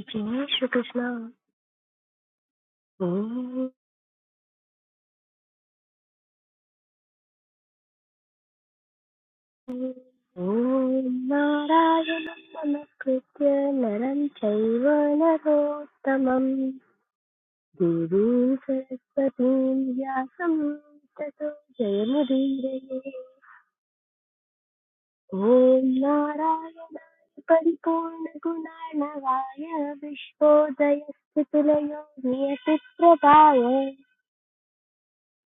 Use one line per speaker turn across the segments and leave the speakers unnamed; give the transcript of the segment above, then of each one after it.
जय श्री कृष्ण ओम ओम नारायणं नमस्कृत्य नरं चैव नरोत्तमं देवीं सरस्वतीं व्यासं ततो जयमुदीरये ॐ नारायणाय परिपूर्णगुणार्णवाय विश्वोदयस्थितिलयो नियतिप्रभाय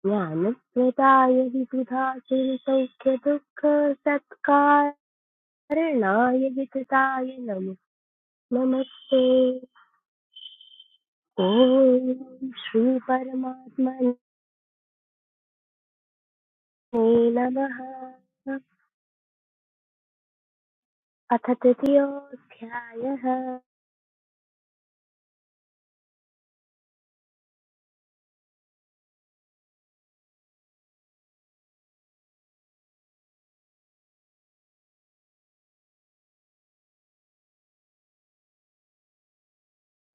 ज्ञानप्रदाय विबुधा चिन्तौख्य दुःख शरणाय वितताय नमो नमस्ते ॐ श्री परमात्मने नमः अथ तृतीयोऽध्यायः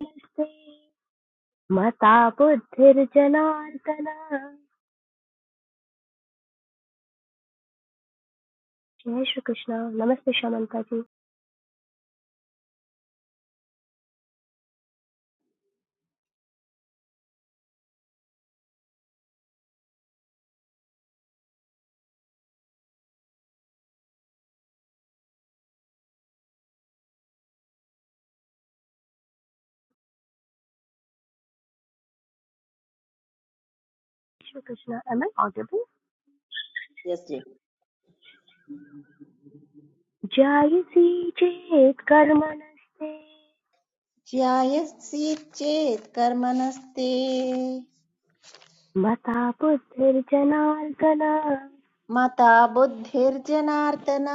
नमस्ते मता बुद्धिर्जनार्दन जय श्री कृष्ण नमस्ते Shamanta ji Shri Krishna am I audible
Yes, dear.
जायसी चेत् कर्मणस्ते
ज्यायसि चेत् कर्मणस्ते
मता बुद्धिर्जनार्दन
मता बुद्धिर्जनार्दन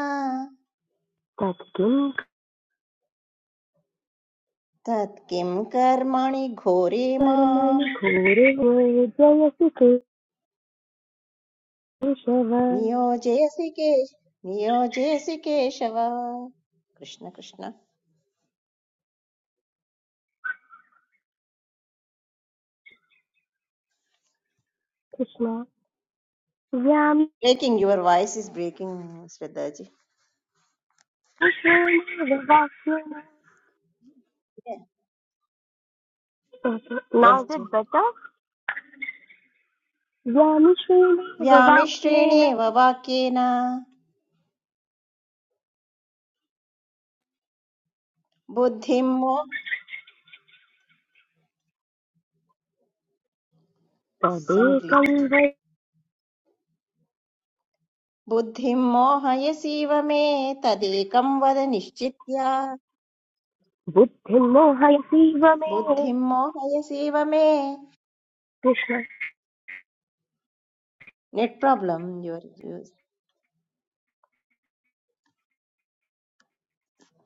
तत्किं कर्मणि घोरे
कर्मणि
माम्
घोरवो जयसि केशव
नियोजयसि केश नियोजयसि Keshava Krishna Krishna
Krishna
breaking your voice is breaking Shraddha ji
व्यामिश्रेणेव वाक्येन नाउ
यस
इज
जी
इट बेटर व्यामिश्रेणेव वाक्येन
व्यामिश्रेणेव वाक्येन बुद्धिं मो
तदेकं
संग्लिच्
वै
बुद्धिं मोहयसीव मे तदेकं वद निश्चित्य
बुद्धिर्मोहयसीव मे
बुद्धिं मोहयसीव मे
कृष्ण
नेट् प्राब्लम् युवर्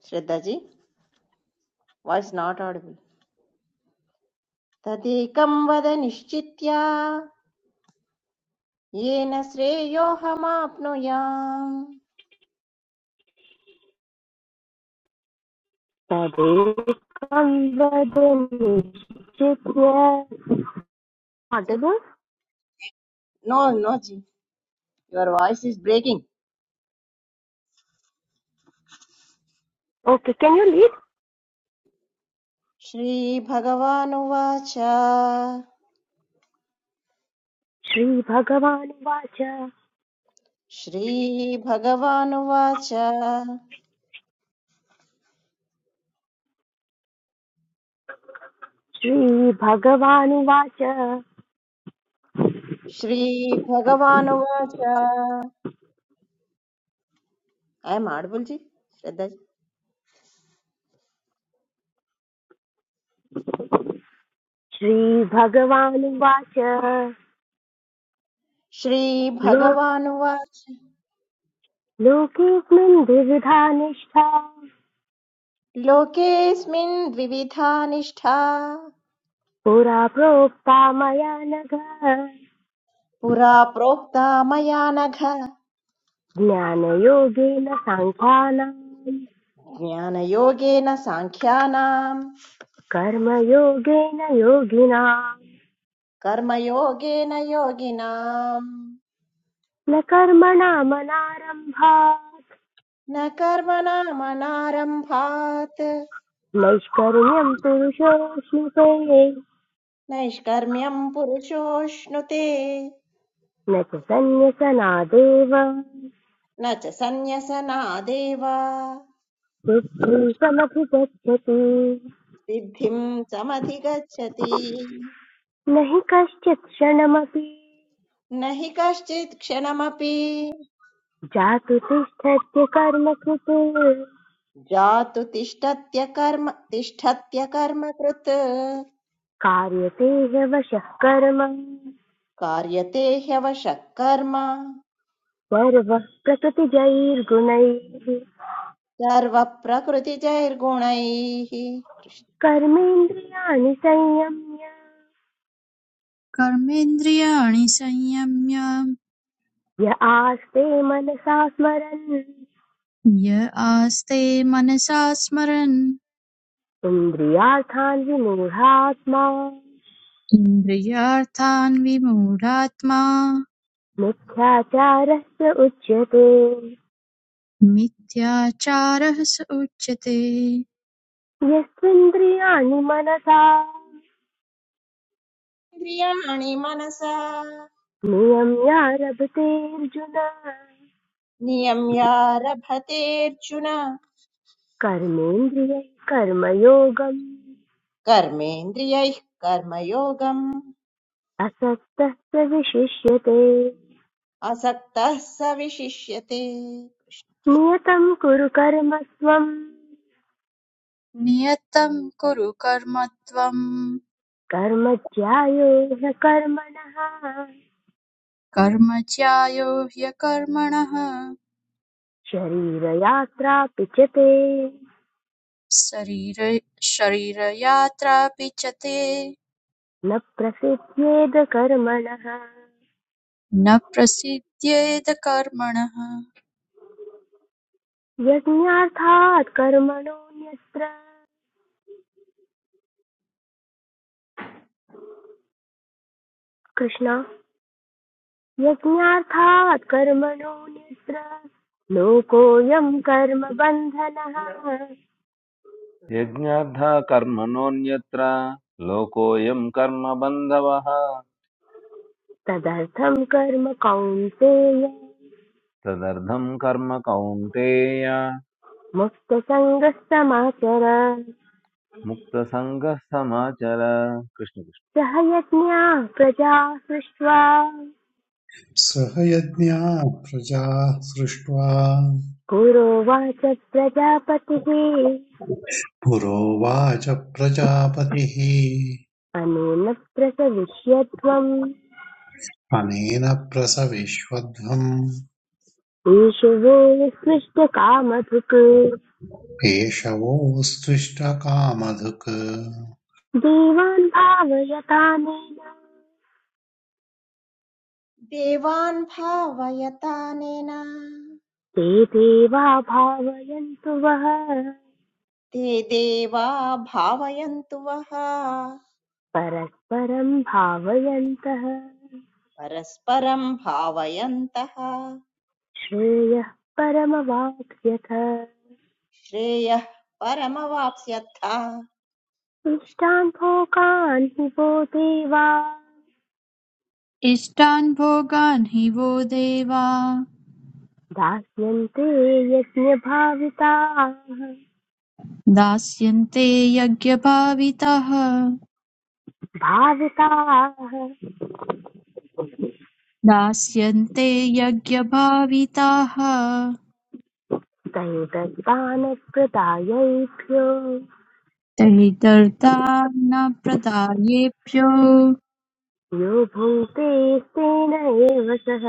श्रद्धाजी वाइस् नाट् आडिबल् तदेकं वद निश्चित्या येन श्रेयोऽहमाप्नुयाम्
तदेकं वद निश्चित्य
जी
Audible
no no ji your voice is breaking
okay can you lead
श्रीभगवानुवाच
श्री भगवान वाच
श्रीभगवानुवाच
श्री भगवान वाच
श्रीभगवानुवाच ऐ एम् आडिबल् जी श्रद्धाजी
श्रीभगवानुवाच लो
श्रीभगवानुवाच
लोकेऽस्मिन् द्विविधा निष्ठा
लोकेऽस्मिन् द्विविधा निष्ठा
पुरा प्रोक्ता मया नघ
पुरा प्रोक्ता मया नघ
ज्ञानयोगेन साङ्ख्यानाम्
ज्ञानयोगेन साङ्ख्यानाम्
कर्मयोगेन योगिनाम्
कर्मयोगेन योगिनाम्
न कर्मणामनारम्भात्
न कर्मणामनारम्भात्
नैष्कर्म्यम् पुरुषोऽश्नुते
नैष्कर्म्यम् पुरुषोऽश्नुते
न च सन्न्यसनादेव
न च सन्न्यसनादेव
बुद्धिसमधिगच्छति
सिद्धिम् समधिगच्छति
न हि कश्चित् क्षणमपि
न हि कश्चित् क्षणमपि
जातु तिष्ठत्य कर्म कृत्
जातु तिष्ठत्य कर्म तिष्ठत्य कर्म कृत्
कार्यते ह्यवशः कर्म
कार्यते ह्यवशः कर्म
सर्वः प्रकृतिजैर्गुणैः
सर्वप्रकृतिजैर्गुणैः
कर्मेन्द्रियाणि संयम्य
कर्मेन्द्रियाणि संयम्य
य आस्ते मनसा स्मरन्
य आस्ते मनसा स्मरन्
इन्द्रियार्थान् विमूढात्मा
इन्द्रियार्थान् विमूढात्मा
मिथ्याचारस्य उच्यते
मिथ्याचारः स उच्यते
यस्त्विन्द्रियाणि मनसा
कृष्णेन्द्रियाणि मनसा
नियम्यारभते अर्जुन
नियम्यारभतेऽर्जुन
कर्मेन्द्रियैः कर्मयोगम्
कर्मेन्द्रियैः कर्मयोगम्
असक्तः स विशिष्यते
असक्तः स विशिष्यते
नियतं कुरु कर्म त्वम्
नियतं कुरु कर्म
कर्म ध्यायो ह्य कर्मणः
कर्म ज्यायो ह्यकर्मणः
शरीरयात्रापि च ते
शरीर शरीरयात्रापि च ते
न प्रसिद्ध्येद कर्मणः
न प्रसिद्ध्येद कर्मणः
यज्ञार्थात् कर्मणोऽन्यत्र कृष्ण यज्ञार्थात् कर्मणोऽन्यत्र लोकोऽयं कर्मबन्धनः
यज्ञार्था कर्मणोऽन्यत्र लोकोऽयं कर्मबन्धवः
तदर्थं कर्म कौन्तेय
तदर्थं कर्म कौन्तेय
मुक्तसङ्गः समाचर
मुक्तसङ्गः समाचर कृष्ण कृष्ण।
सह यज्ञा प्रजा सृष्ट्वा
सह यज्ञात् प्रजाः सृष्ट्वा
गुरोवाच प्रजापतिः
पुरोवाच प्रजापतिः
अनेन प्रसविष्यत्वम्
अनेन प्रसविष्वध्वम्
ईशवे सृष्टकामधुक्
पेशवोऽस्त्विष्टकामधुक्
देवान् भावयतानेन
देवान् भावयतानेन
ते देवा भावयन्तु वः
ते देवा भावयन्तु वः
परस्परं भावयन्तः
परस्परं भावयन्तः
श्रेयः परमवाप्स्यथ
श्रेयः परमवाप्स्यथ
इष्टान् हि वो देवा
इष्टान् भोगान् हि वो देवा
दास्यन्ते यज्ञभाविताः
दास्यन्ते यज्ञभाविताः
भाविताः
दास्यन्ते यज्ञभाविताः
तयो दत्तानप्रदायैभ्यो
तैर्दर्दा न प्रदायेभ्यो
यो भुङ्क्ते तेन एव सः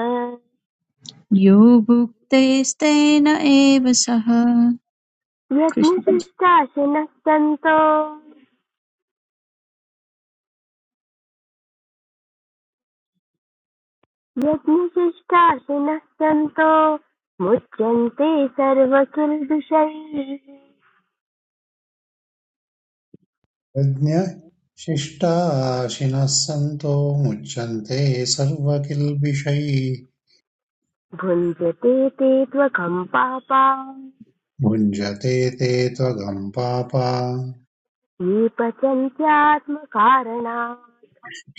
यो भुक्तेस्तेन एव सः कृष्ण
यज्ञशिष्टाशिनः सन्तो यज्ञशिष्टाशिनः सन्तो मुच्यन्ते सर्वकिल्बिषैः
यज्ञशिष्टाशिनः सन्तो मुच्यन्ते सर्वकिल्बिषैः
भुञ्जते ते त्वकम्पापा
भुञ्जते ते त्वगम् पापा
ये पचन्त्यात्मकारणात्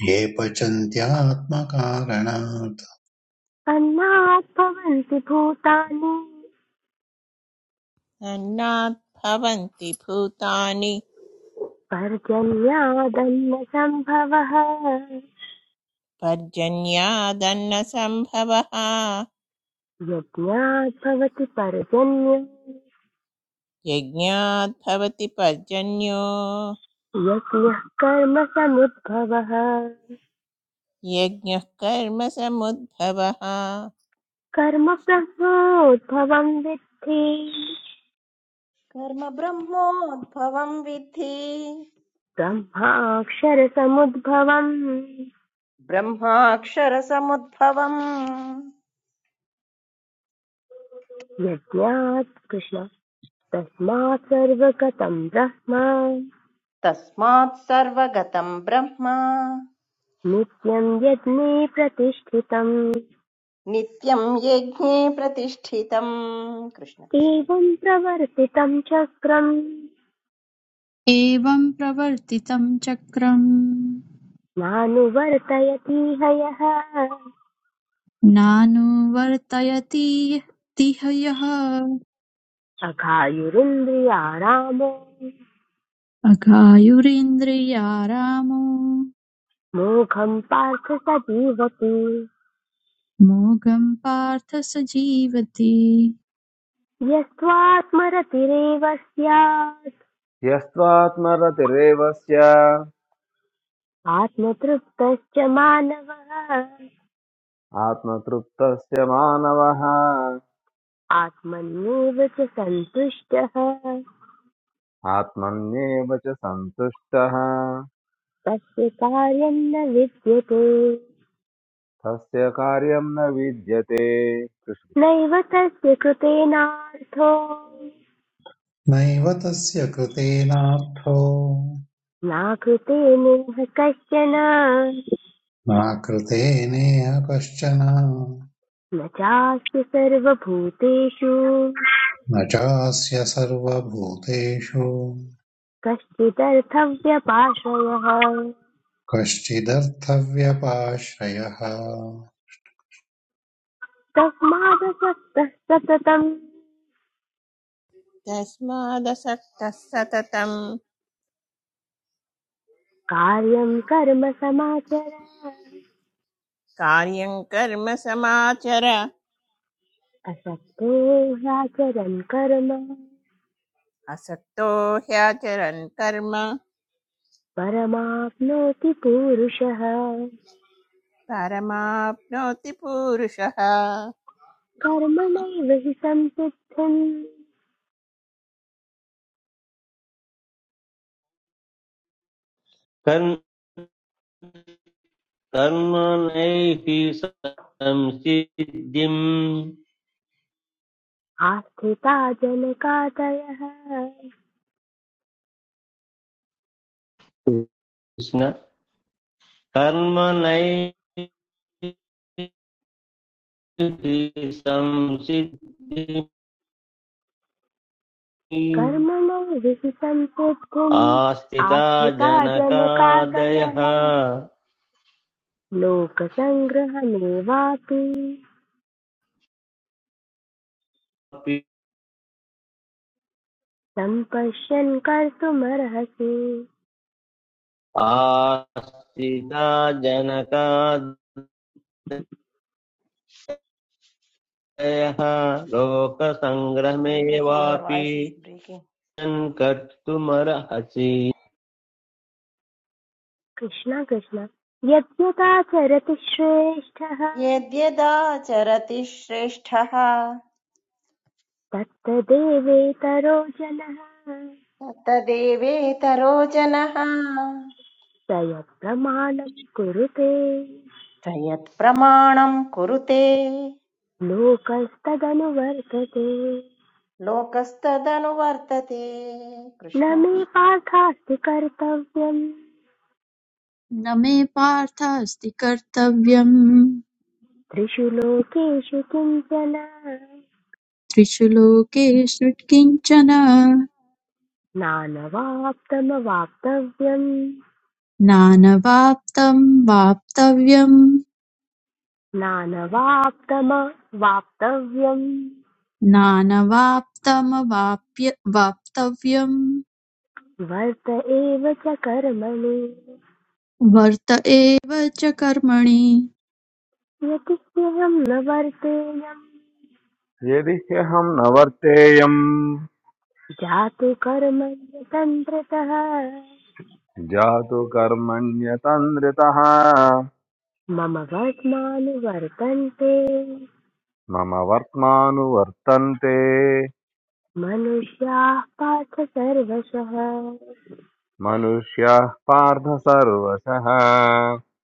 ये पचन्त्यात्मकारणात्
अन्नात् भवन्ति भूतानि
न भवन्ति भूतानि
पर्जन्यादन्नसम्भवः
पर्जन्यादन्नसम्भवः
यज्ञात् भवति पर्जन्यम्
यज्ञात् भवति पर्जन्यो
यज्ञः कर्म समुद्भवः
यज्ञः कर्मसमुद्भवः
कर्म ब्रह्मोद्भवम् विद्धि
कर्म ब्रह्मोद्भवं विद्धि
ब्रह्माक्षरसमुद्भवम्
ब्रह्माक्षरसमुद्भवम्
यज्ञात् कृष्ण तस्मात् सर्वगतं ब्रह्म
तस्मात् सर्वगतं ब्रह्म
नित्यं यज्ञे प्रतिष्ठितम्
नित्यं यज्ञे प्रतिष्ठितम् कृष्ण कृष्ण
एवं प्रवर्तितं चक्रम्
एवं प्रवर्तितं चक्रम्
नानुवर्तयतीह यः
नानुवर्तयति तिह यः
अघायुरिन्द्रियारामो
अघायुरिन्द्रियारामो
मोघं पार्थ स जीवति
मोघं पार्थ स जीवति
यस्त्वात्मरतिरेव स्यात्
यस्त्वात्मरतिरेवस्य
आत्मतृप्तश्च मानवः
आत्मतृप्तस्य मानवः
आत्मन्येव च सन्तुष्टः
आत्मन्येव च सन्तुष्टः
तस्य कार्यं न विद्यते
तस्य कार्यं न विद्यते कृष्ण कृष्ण।
नैव तस्य कृतेनार्थो
नैव तस्य कृतेनार्थो
नाकृतेनेह कश्चन
नाकृते नेह कश्चन
न चास्य सर्वभूतेषु
न चास्य सर्वभूतेषु
कश्चिदर्थव्यपाश्रयः
कश्चिदर्थव्यपाश्रयः
तस्मादसक्तः सततं
तस्मादसक्तः सततं
कार्यं कर्म समाचर
कार्यं कर्म समाचर
असक्तो ह्याचरन् कर्म
असक्तो ह्याचरन् कर्म
परमाप्नोति पूरुषः
परमाप्नोति पुरुषः
कर्मणैव हि संसिद्धिम्
कर्म कर्मणैः संसिद्धिम्
आस्थिता जनकादयः
कृष्ण कर्मणैः संसिद्धिम्
कर्मणैव हि संसिद्धिम्
आस्थिता
आस्थिता
जनकादयः
जनकादयः लोकसङ्ग्रहमेवापि
अपि
सम्पश्यन् कर्तुमर्हसि
आस्थिता जनकादयः
your
लोकसङ्ग्रमेवापि
voice is breaking.
सङ्कर्तुमर्हसि
Krishna Krishna यद्यदाचरति श्रेष्ठः
यद्यदाचरति श्रेष्ठः
तत्तदेवेतरो जनः स
तदेवेतरो जनः
यत्प्रमाणम् कुरुते
त प्रमाणं कुरुते
लोकस्तदनुवर्तते
लोकस्तदनुवर्तते
न
कृष्ण
मे
कृष्ण
पार्थास्ति कर्तव्यम्
न मे पार्थास्ति कर्तव्यम्
त्रिषु लोकेषु किञ्चन
त्रिषु लोकेषु किञ्चन
नानवाप्तमवाप्तव्यम्
नानवाप्तं वाप्तव्यम्
नानवाप्तमवाप्तव्यम्
नानवाप्तमवाप्य वाप्तव्यम्
वर्त एव च कर्मणि
वर्त एव च कर्मणि
यदि ह्यहम् न वर्तेयम्
यदि ह्यहं न वर्तेयम्
जातु कर्मण्यतन्त्रतः
जातु कर्मण्यतन्द्रितः
मम वर्त्मानुवर्तन्ते
मम वर्त्मानुवर्तन्ते
मनुष्याः पार्थ सर्वशः
मनुष्याः पार्थ सर्वशः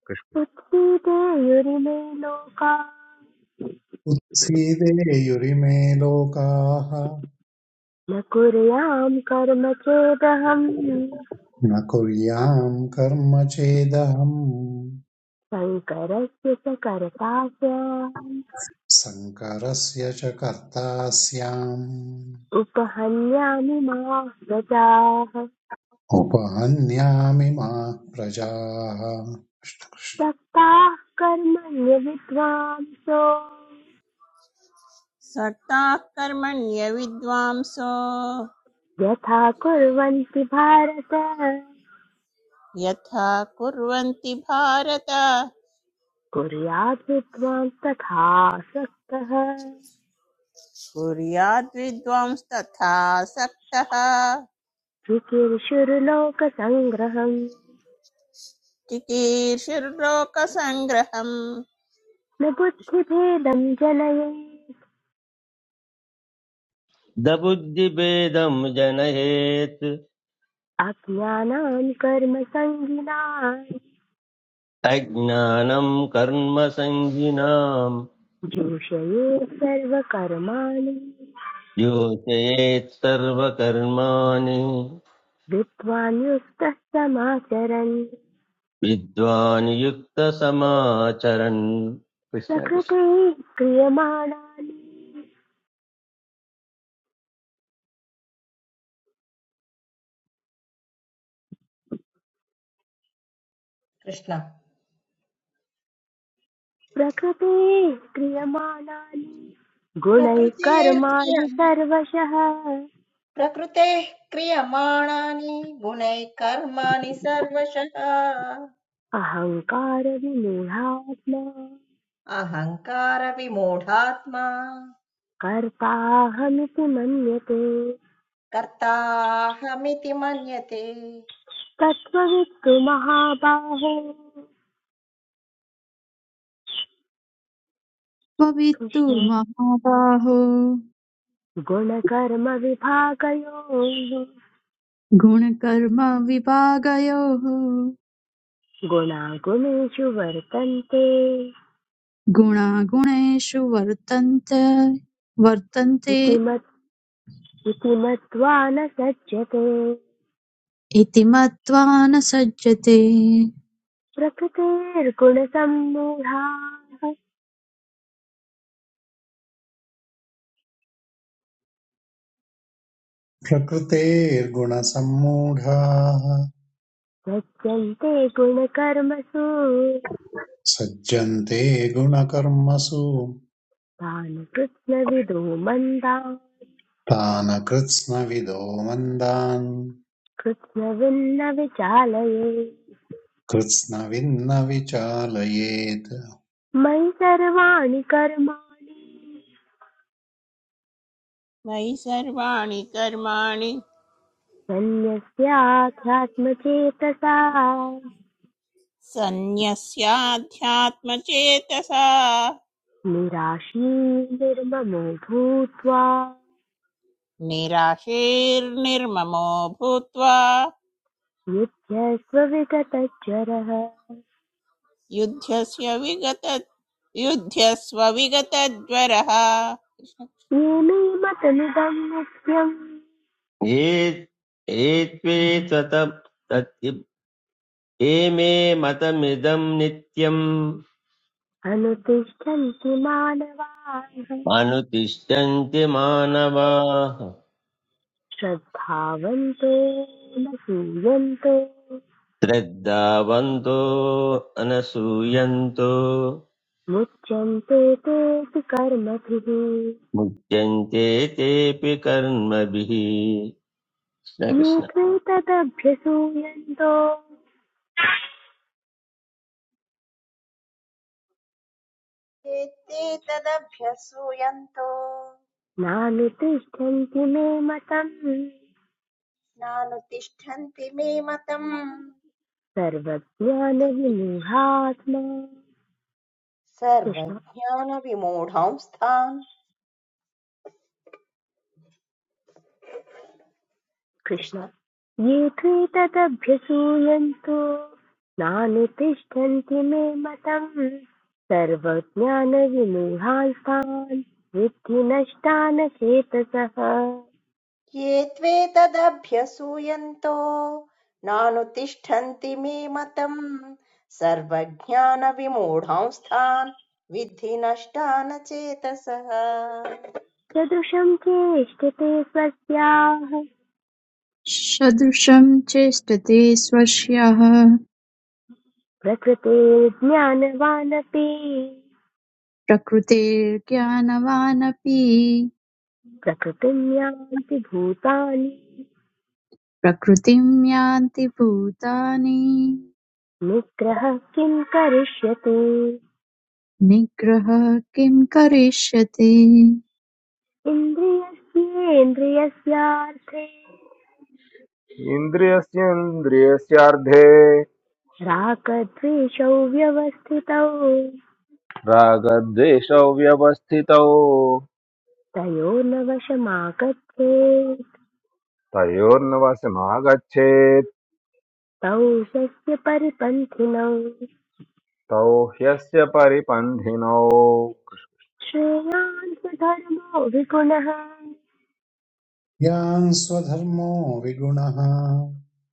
कृष्ण
बुद्धिदेयुरिमे लोका
उत्सीदेयुरिमे लोकाः
न कुर्याम् कर्म चेदहम्
न कुर्याम् कर्म चेदहम्
शङ्करस्य च कर्ता स्याम्
सङ्करस्य च कर्ता
उपहन्यानि मा प्रजाः
उपहन्यामि मा प्रजाः
सक्ताः कर्मण्य विद्वांसो
सक्ताः कर्मण्य विद्वांसो
यथा कुर्वन्ति भारत
यथा कुर्वन्ति भारत
कुर्यात् विद्वान् तथा सक्तः
कुर्याद्विद्वांस्तथा सक्तः
विकीर्षुर्लोकसङ्ग्रहम्
चिकीर्षुर्लोकसङ्ग्रहम्
न बुद्धिभेदं जनयेत्
दबुद्धिभेदम् जनयेत्
अज्ञानां कर्मसङ्गिनाम्
अज्ञानं कर्मसङ्गिनाम्
जोषयेत् सर्वकर्माणि
योजयेत् सर्वकर्माणि
विद्वान् युक्तः समाचरन्
विद्वान् युक्तसमाचरन् कृष्ण
प्रकृते
कृष्ण
क्रियमाणानि
कृष्ण
प्रकृते क्रियमाणानि गुणैः कर्माणि
प्रकृतेर्क्रियम
सर्वशः
प्रकृतेः क्रियमाणानि गुणैः कर्माणि सर्वशः
अहङ्कार विमूढात्मा
अहङ्कारविमूढात्मा
कर्ताहमिति मन्यते
कर्ताहमिति मन्यते
तत्त्ववित्तु महाबाहो
त्ववित्तु
कृष्ण
महाबाहो
गुणकर्मविभागयोः
गुणकर्म विभागयोः
गुणागुणेषु वर्तन्ते
गुणागुणेषु वर्तन्ते वर्तन्ते
इति मत् इति मत्वा न सज्जते
इति मत्वा न सज्जते
प्रकृतेर्गुणसम्मूढाः
प्रकृतेर्गुणसम्मूढाः
सज्जन्ते गुणकर्मसु
सज्जन्ते गुणकर्मसु
तान् कृत्स्नविदो मन्दा
तान् कृत्स्नविदो मन्दान्
कृत्स्नविन्न विचालये
कृत्स्नविन्न विचालयेत्
मयि सर्वाणि कर्माणि
मयि सर्वाणि कर्माणि
सन्न्यस्याध्यात्मचेतसा
सन्न्यस्याध्यात्मचेतसा
निराशीर्निर्ममो भूत्वा
निराशीर्निर्ममो भूत्वा
युध्यस्व विगतचरः
युध्यस्य विगत युध्यस्व विगतज्वरः
ये मे मतमिदं नित्यम्
ये एत्वे तत- तत्- ये मे मतमिदम् नित्यम्
अनुतिष्ठन्ति मानवाः
अनुतिष्ठन्ति मानवाः
श्रद्धावन्तो न सूयन्तो
श्रद्धावन्तो अनसूयन्तो
मुच्यन्ते तेऽपि कर्मभिः
मुच्यन्ते तेऽपि कर्मभिः कृष्ण
ये
कृष्ण
त्वेतदभ्यसूयन्तो
एते तदभ्यसूयन्तो
नानुतिष्ठन्ति मे मतम्
नानुतिष्ठन्ति मे मतम्
सर्वज्ञानविमूढात्मा कृष्ण
सर्वज्ञानविमूढांस्तान्
कृष्ण
कृष्ण
ये त्वेतदभ्यसूयन्तो नानुतिष्ठन्ति मे मतम् सर्वज्ञानविमूढान्तान् विद्धि नष्टान् चेतसः
ये त्वेतदभ्यसूयन्तो नानुतिष्ठन्ति मे मतम् सर्वज्ञानविमूढांस्तान् विद्धि नष्टान चेतसः
सदृशं चेष्टते स्वस्याः
सदृशं चेष्टते स्वस्याः
प्रकृतेर्ज्ञानवानपि
प्रकृतेर्ज्ञानवानपि
प्रकृतिं यान्ति भूतानि
प्रकृतिं यान्ति भूतानि
निग्रहः किं करिष्यति
निग्रहः किं करिष्यति
इन्द्रियस्येन्द्रियस्यार्थे
इन्द्रियस्येन्द्रियस्यार्धे
रागद्वेषौ व्यवस्थितौ
रागद्वेषौ व्यवस्थितौ
तयोर्नवशमागच्छेत्
तयोर्नवशमागच्छेत्
तौ यस्य परिपन्थिनौ
तौ ह्यस्य परिपन्थिनौ
श्रेयान् स्वधर्मो विगुणः
यान् स्वधर्मो विगुणः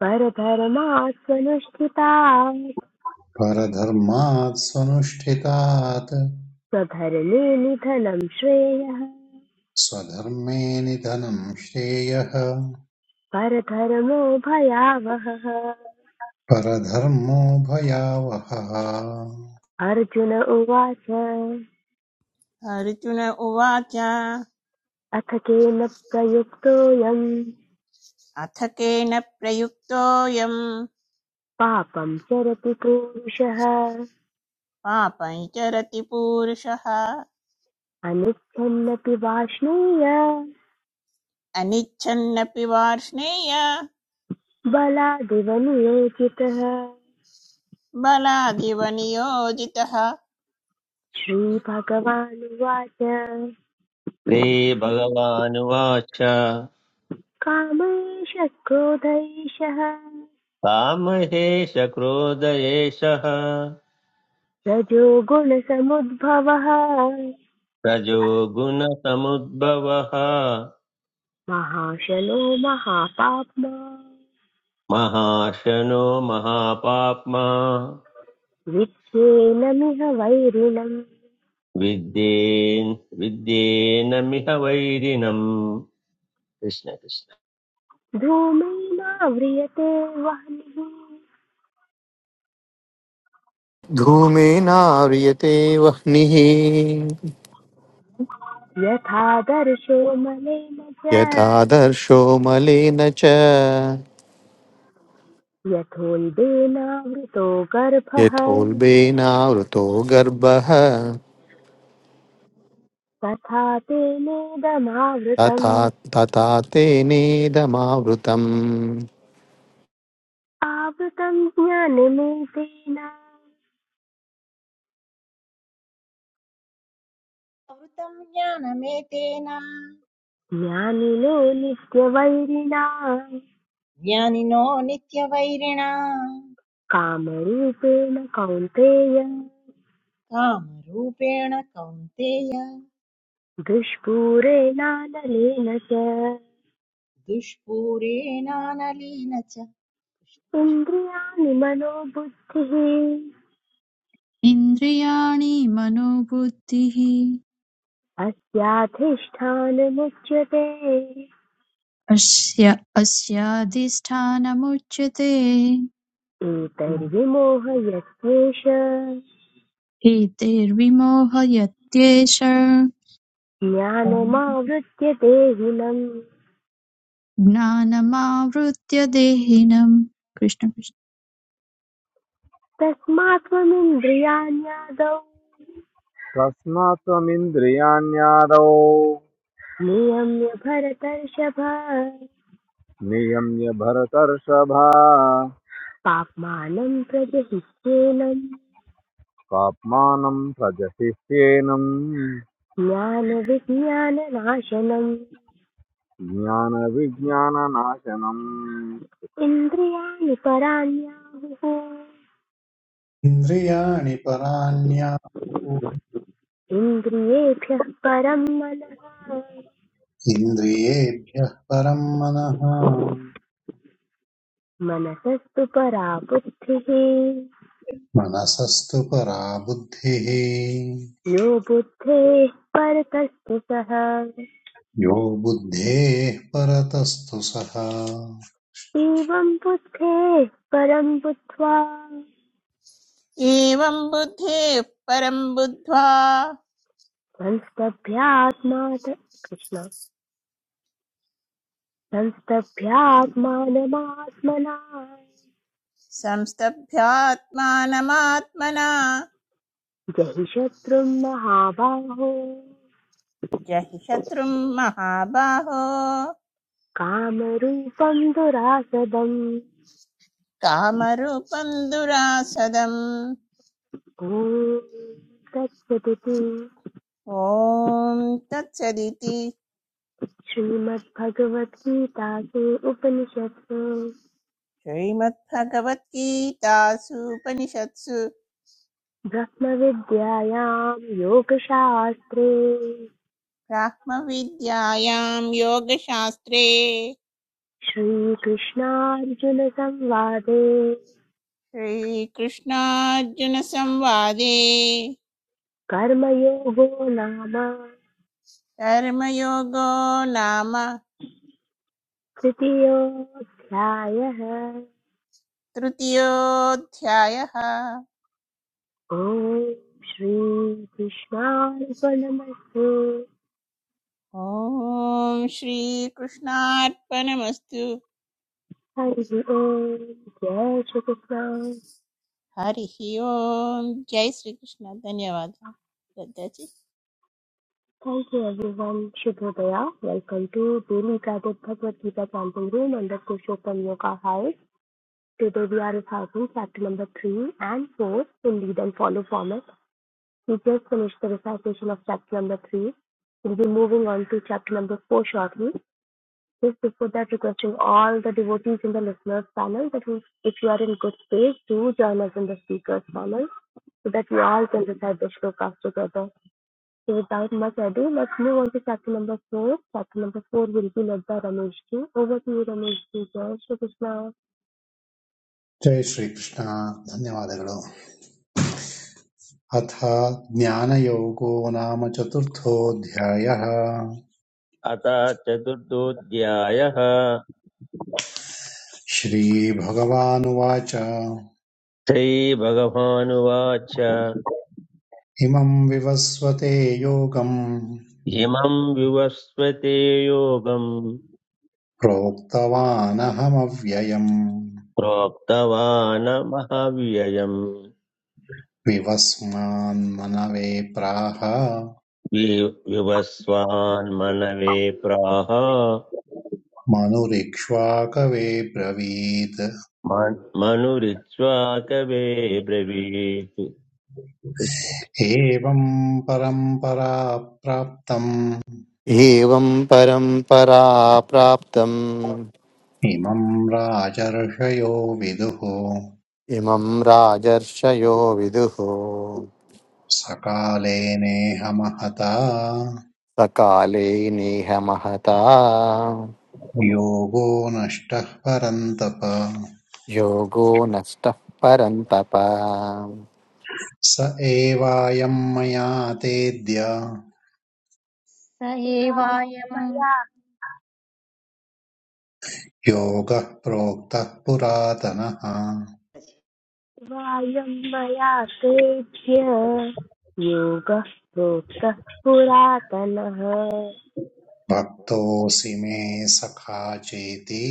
परधर्मात् स्वनुष्ठितात्
परधर्मात् स्वनुष्ठितात्
स्वधर्मे निधनं श्रेयः
स्वधर्मे निधनं श्रेयः
परधर्मो भयावहः
परधर्मो भयावहः
अर्जुन उवाच
अर्जुन उवाच
अथ केन प्रयुक्तोऽयं
अथ केन प्रयुक्तोऽयम्
पापं चरति पूरुषः
पापं चरति पूरुषः
अनुच्छन्नपि वाष्णेय
अनिच्छन्नपि वार्ष्णेय
बलादिव नियोजितः
बलादिव नियोजितः
श्रीभगवानुवाच
रे भगवानुवाच
कामैष क्रोधैषः
कामहेश क्रोध एषः
रजोगुणसमुद्भवः
रजो गुणसमुद्भवः
महाशनो महापाप्मा
महाशनो महापाप्मा
विच्छेनमिह वैरिणम्
विद्येन् विद्येनमिह वैरिणम् कृष्ण कृष्ण
धूमेनाव्रियते वह्निः
धूमेनाव्रियते वह्निः
यथा दर्शो मलेन च
यथादर्शो मलेन च
यथोल्बेनावृतो गर्भः
यथोल्बेनावृतो गर्भः
तथा तेनेदमावृतम्
तथा तथा तेनेदमावृतम्
आवृतम् ज्ञानमेतेन
कृतं ज्ञानमेतेन
ज्ञानिनो नित्यवैरिणा
ज्ञानिनो नित्यवैरिणा
कामरूपेण कौन्तेय
कामरूपेण कौन्तेय
दुष्पूरेणानलेन च
दुष्पूरेणानलेन च
इन्द्रियाणि मनोबुद्धिः
इन्द्रियाणि मनोबुद्धिः
अस्याधिष्ठानमुच्यते
अस्य अस्याधिष्ठानमुच्यते
एतैर्विमोहयस्येष
हेतेर्विमोहयत्येष
ज्ञानमावृत्य देहिनम्
ज्ञानमावृत्य देहिनम् कृष्ण कृष्ण।
तस्मात् त्वमिन्द्रियाण्यादौ
तस्मात् त्वमिन्द्रियाण्यादौ
नियम्य भरतर्षभ
नियम्य भरतर्षभा
पाप्मानम् प्रजहिष्येनम्
पाप्मानं प्रजहिह्येनम्
ज्ञानविज्ञाननाशनम्
ज्ञानविज्ञाननाशनम्
इन्द्रियाणि पराण्याहुः
इन्द्रियाणि पराण्याहुः
इन्द्रियेभ्यः परम् मनः
इन्द्रियेभ्यः परं मनः
मनसस्तु परा बुद्धिः
मनसस्तु परा बुद्धिः
यो बुद्धेः परतस्तु सः
यो बुद्धेः परतस्तु सः
एवं बुद्धेः परं बुद्ध्वा
एवं बुद्धेः परं बुद्ध्वा
संस्तभ्यात्मात् कृष्ण संस्तभ्यात्मानमात्मना
संस्तभ्यात्मानमात्मना
जहि शत्रुं महाबाहो
जहि शत्रुं महाबाहो
कामरूपं दुरासदम्
कामरूपं दुरासदम्
ॐ तत्सदिति
ॐ तत्सदिति
श्रीमद्भगवद्गीतासु उपनिषत्सु
श्रीमद्भगवद्गीतासूपनिषत्सु
ब्रह्मविद्यायां योगशास्त्रे
ब्रह्मविद्यायां योगशास्त्रे
Shri Krishna Arjuna Samhwadhe,
श्रीकृष्णार्जुनसंवादे
Karma Yoga Nama,
कर्मयोगो नाम
Kriti Yoga Ghyaya Hai,
तृतीयोऽध्यायः
O Shri Krishna Arjuna Mase,
ॐ श्रीकृष्णार्पणमस्तु
Haidu O, Jaya Shukasna.
हरिः ओम् जय श्रीकृष्ण धन्यवादः श्रद्धाजी
Thank you everyone, Shibhodaya. Welcome to Duru Kravodabha Bhakwar Dheepa Champangru, Nandakosho Panyoka High. Today we are a thousand, chapter number 3 and 4. You need a follow-up. We just finished the recitation of chapter number three. We'll be moving on to chapter number four shortly. Just before that, requesting all the devotees in the listeners panel that if you are in good space, do join us in the speakers panel so that we all can recite the shlokas together. So without much ado, let's move on to chapter number four. Chapter number four will be led by Ramesh ji. Over to you, Ramesh ji. Jai Shri Krishna.
जय श्रीकृष्ण धन्यवादಗಳು अथ ज्ञानयोगो नाम चतुर्थोऽध्यायः
अथ चतुर्थोऽध्यायः
श्रीभगवानुवाच
श्रीभगवानुवाच
इमं विवस्वते योगम्
इमं विवस्वते योगं
प्रोक्तवानहमव्ययम्
प्रोक्तवान् महाव्ययम्
विवस्मान्मनवे प्राह
वि- विवस्वान् मनवे प्राह
मनुरिक्ष्वाकवे ब्रवीत्
मन्- मनुरिज्वा कवे ब्रवीत् कृष्ण।
एवं परम्परा प्राप्तम्
एवं परम्परा प्राप्तम्
इमम् राजर्षयो विदुः
इमं राजर्षयो विदुः
सकाले नेह महता
सकाले नेह महता
योगो नष्टः परन्तप
योगो नष्टः परन्तप
स एवायम् मया तेद्य
स एवायम्
योगः प्रोक्तः पुरातनः
vayam maya सेभ्य yoga प्रोक्तः पुरातनः
भक्तोऽसि मे सखा चेति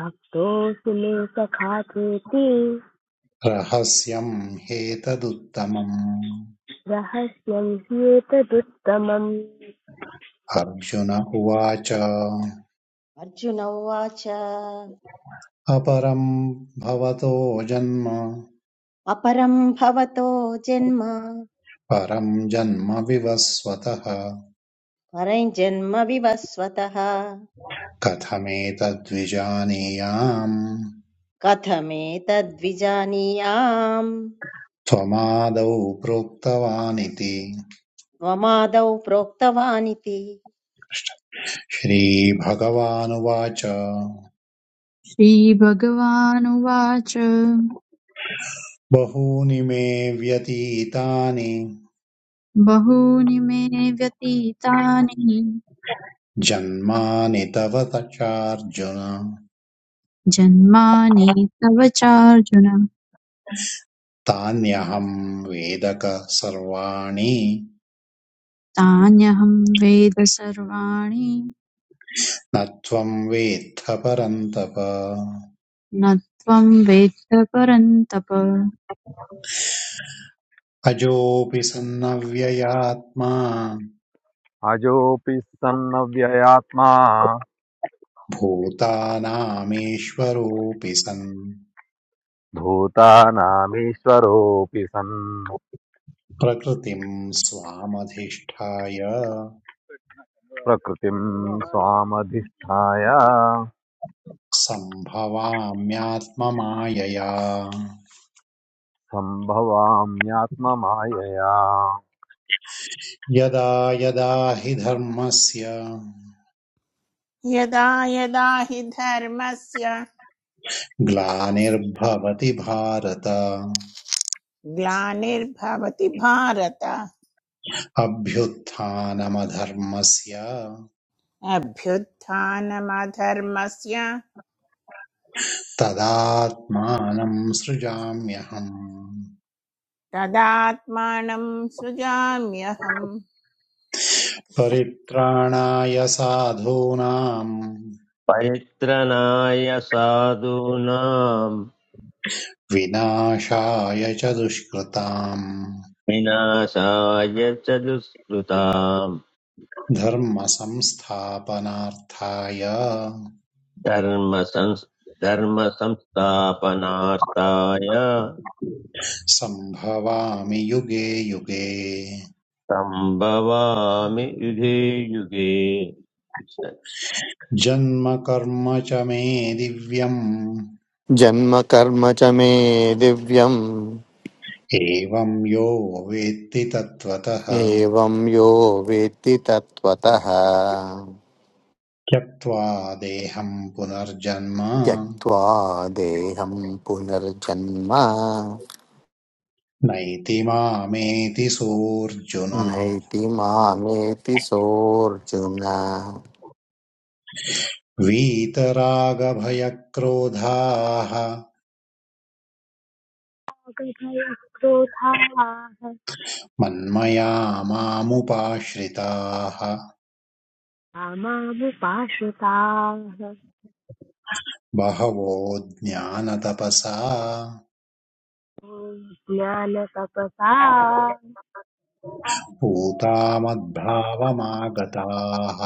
भक्तोऽसि मे सखा चेति
रहस्यम् ह्येतदुत्तमम्
रहस्यं ह्येतदुत्तमम्
अर्जुन उवाच
अर्जुन उवाच
अपरं भवतो जन्म
अपरं भवतो जन्म
परं जन्म विवस्वतः
परञ्जन्म विवस्वतः
कथमेतद्विजानीयाम्
कथमेतद्विजानीयाम्
त्वमादौ प्रोक्तवानिति
त्वमादौ प्रोक्तवानिति
श्रीभगवानुवाच
श्रीभगवानुवाच
बहूनि मे व्यतीतानि
बहूनि मे व्यतीतानि
जन्मानि तव त चार्जुन
जन्मानि तव चार्जुन
तान्यहम् वेदक सर्वाणि
तान्यहं वेद सर्वाणि
न त्वम् वेत्थ परन्तप
न त्वं वेत्त परन्तप
अजोऽपि सन्नव्ययात्मा
अजोऽपि सन्नव्ययात्मा
भूतानामीश्वरोऽपि सन्
भूतानामीश्वरोऽपि सन्
प्रकृतिम् स्वामधिष्ठाय
प्रकृतिं स्वामधिष्ठाय
सम्भवाम्यात्ममायया
सम्भवाम्यात्ममायया
यदा यदा हि धर्मस्य
यदा यदा हि धर्मस्य
ग्लानिर्भवति भारत
ग्लानिर्भवति भारत
अभ्युत्थानमधर्मस्य
अभ्युत्थानमधर्मस्य
तदात्मानम् सृजाम्यहम्
तदात्मानं सृजाम्यहम् कृष्ण।
परित्राणाय साधूनाम्
परित्रणाय साधूनां
विनाशाय च दुष्कृताम्
विनाशाय च दुष्कृताम्
धर्मसंस्थापनार्थाय
धर्म धर्मसंस्थापनार्थाय
संभवामि युगे युगे
सम्भवामि युगे युगे
जन्म कर्म च मे दिव्यम्
जन्म कर्म च मे दिव्यम्
एवम् यो वेत्ति तत्त्वतः
एवं यो वेत्ति तत्त्वतः
त्यक्त्वा देहम् पुनर्जन्म
त्यक्त्वा देहं पुनर्जन्म
नैति मामेति सोऽर्जुन
नैति मामेति सोऽर्जुन
वीतरागभयक्रोधाः
अगभयक्रोधाः
मन्मया मामुपाश्रिताः
कामामुपाश्रिताः
बहवो ज्ञानतपसा
ॐ ज्ञानतपसा
पूता मद्भावमागताः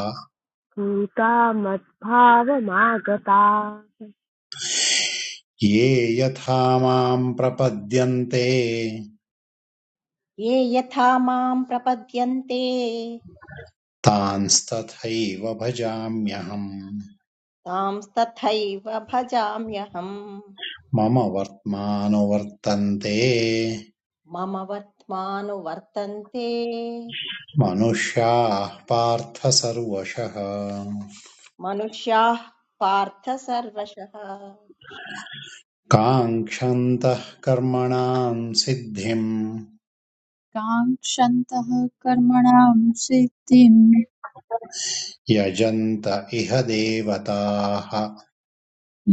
भूता मद्भावमागताः
ये यथा माम् प्रपद्यन्ते
ये यथा मां प्रपद्यन्ते
तांस्तथैव भजाम्यहम्
तांस्तथैव भजाम्यहम्
मम वर्त्मानुवर्तन्ते
मम वर्त्मानुवर्तन्ते
मनुष्याः पार्थ सर्वशः
मनुष्याः पार्थ सर्वशः
काङ्क्षन्तः कर्मणाम् सिद्धिम्
काङ्क्षन्तः कर्मणां सिद्धिं
यजन्त इह देवताः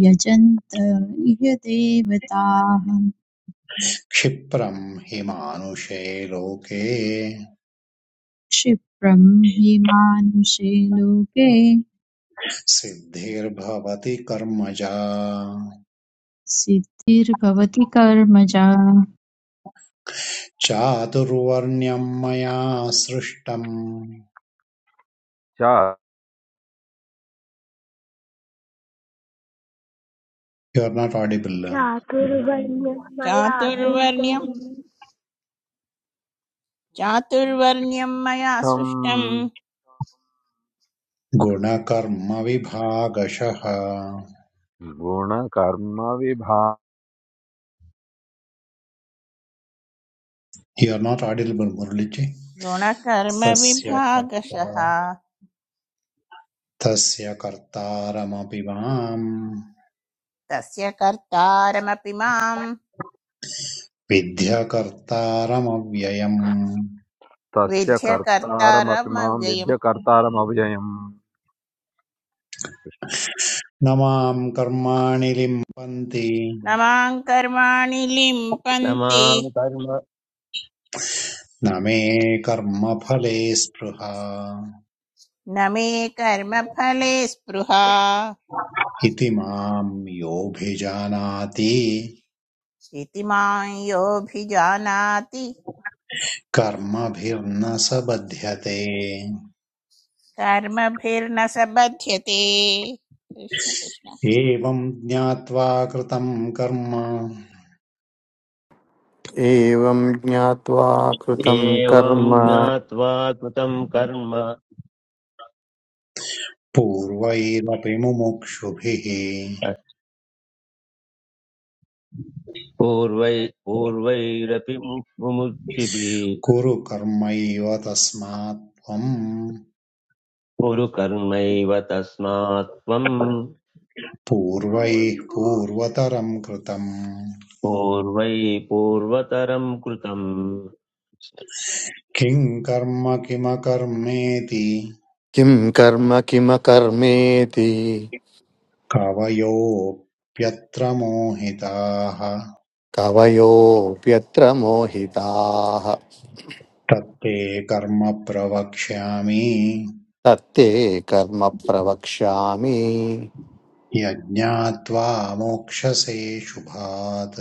यजन्त इह देवताः
क्षिप्रम् हि मानुषे लोके
क्षिप्रं हि मानुषे लोके
सिद्धिर्भवति कर्मजा
सिद्धिर्भवति कर्मजा
चातुर्वर्ण्यम् मया सृष्टम्
चार्थं
यु आर् नाट् आडिबल्
चातुर्वर्ण्यं मया सृष्टं
चातुर्वर्ण्यं चातुर्वर्ण्यं मया सृष्टं
गुणकर्मविभागशः
गुणकर्मविभा
यु आर् नाट् आडिबल् मुरळिजि तस्य
गुणकर्मविभागशः
तस्य कर्तारमपि माम्
तस्य कर्तारमपि मां
विद्यकर्तारमव्ययम्
तस्य
विद्य
कर्तारमपि मां
कर्तारमव्ययम्
विद्य कर्तारमव्ययम्
न माम् कर्माणि लिम्पन्ति
न मां कर्माणि
न
लिम्पन्ति
मां कर्म
न मे कर्मफले स्पृहा
न मे कर्मफले स्पृहा
इति माम् योऽभिजानाति
इति मां योऽभिजानाति
कर्मभिर्न स बध्यते
कर्मभिर्न स बध्यते कृष्ण कृष्ण
एवम् ज्ञात्वा कृतम् कर्म
एवं ज्ञात्वा कृतं
एवं
कर्म
ज्ञात्वा कृतं कर्म
पूर्वैरपि मुमुक्षुभिः
पूर्वै पूर्वैरपि मुमुक्षिभिः
कुरु कर्मैव तस्मात् त्वम्
कुरु कर्मैव तस्मात् त्वं
पूर्वैः पूर्वतरम् कृतम्
पूर्वै पूर्वतरं कृतम्
किं कर्म किमकर्मेति
किं कर्म किमकर्मेति
कवयोऽप्यत्र मोहिताः
कवयोऽप्यत्र मोहिताः
तत्ते कर्म प्रवक्ष्यामि
तत्ते कर्म प्रवक्ष्यामि
यज्ञात्वा मोक्षसे शुभात्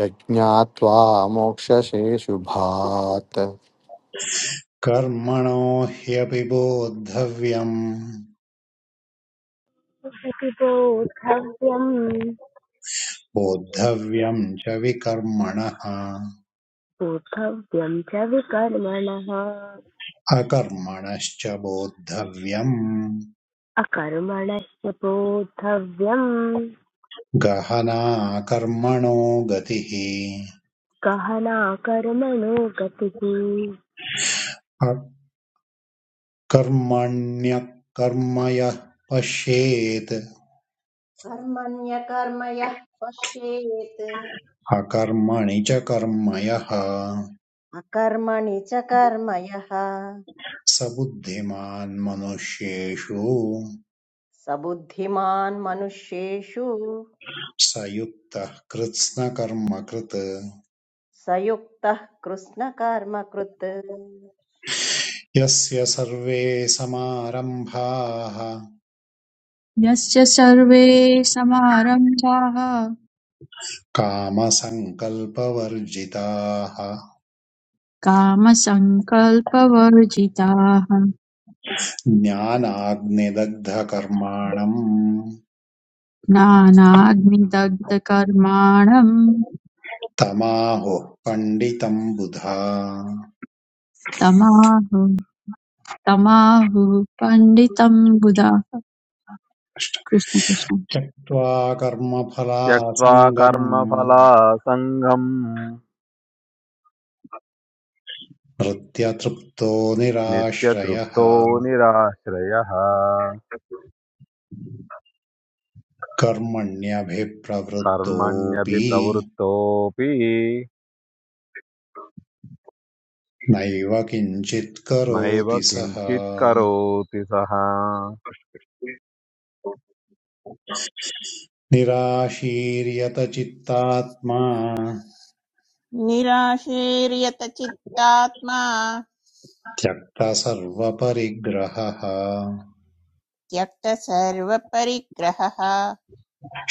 यज्ञात्वा मोक्ष्यसे शुभात्
कर्मणो ह्यपि बोद्धव्यम्
बोद्धव्यं
बोद्धव्यम् च विकर्मणः
बोद्धव्यं च विकर्मणः
अकर्मणश्च बोद्धव्यम्
अकर्मणस्य बोद्धव्यम्
गहना कर्मणो गतिः
गहना कर्मणो गतिः
कर्मण्यकर्म यः पश्येत्
कर्मण्यकर्म यः पश्येत्
अकर्मणि च कर्म यः
अकर्मणि च कर्म
स बुद्धिमान् मनुष्येषु
स बुद्धिमान् मनुष्येषु
स युक्तः कृत्स्नकर्मकृत्
स युक्तः कृत्स्नकर्मकृत्
यस्य सर्वे समारम्भाः
यस्य सर्वे समारम्भाः
कामसङ्कल्पवर्जिताः
कामसङ्कल्पवर्जिताः
ज्ञानाग्निदग्धकर्माणम्
ज्ञानाग्निदग्धकर्माणम्
तमाहुः पण्डितम् बुधा
तमाहु तमाहुः पण्डितं बुधाः कृष्ण कृष्ण
त्यक्त्वा
त्यक्त्वा
कर्मफलासङ्गम्
कर्मफलासङ्गम्
प्रत्यतृप्तो निराश्रयः
नित्यतृप्तो निराश्रयः
कर्मण्यभिप्रवृत्तोऽपि
कर्मण्यभिप्रवृत्तोऽपि
नैव किञ्चित्
नैव
करोति सः
किञ्चित् करोति सः
निराशीर्यत चित्तात्मा
निराशीर्यतचित्तात्मा
त्यक्तसर्वपरिग्रहः
त्यक्तसर्वपरिग्रहः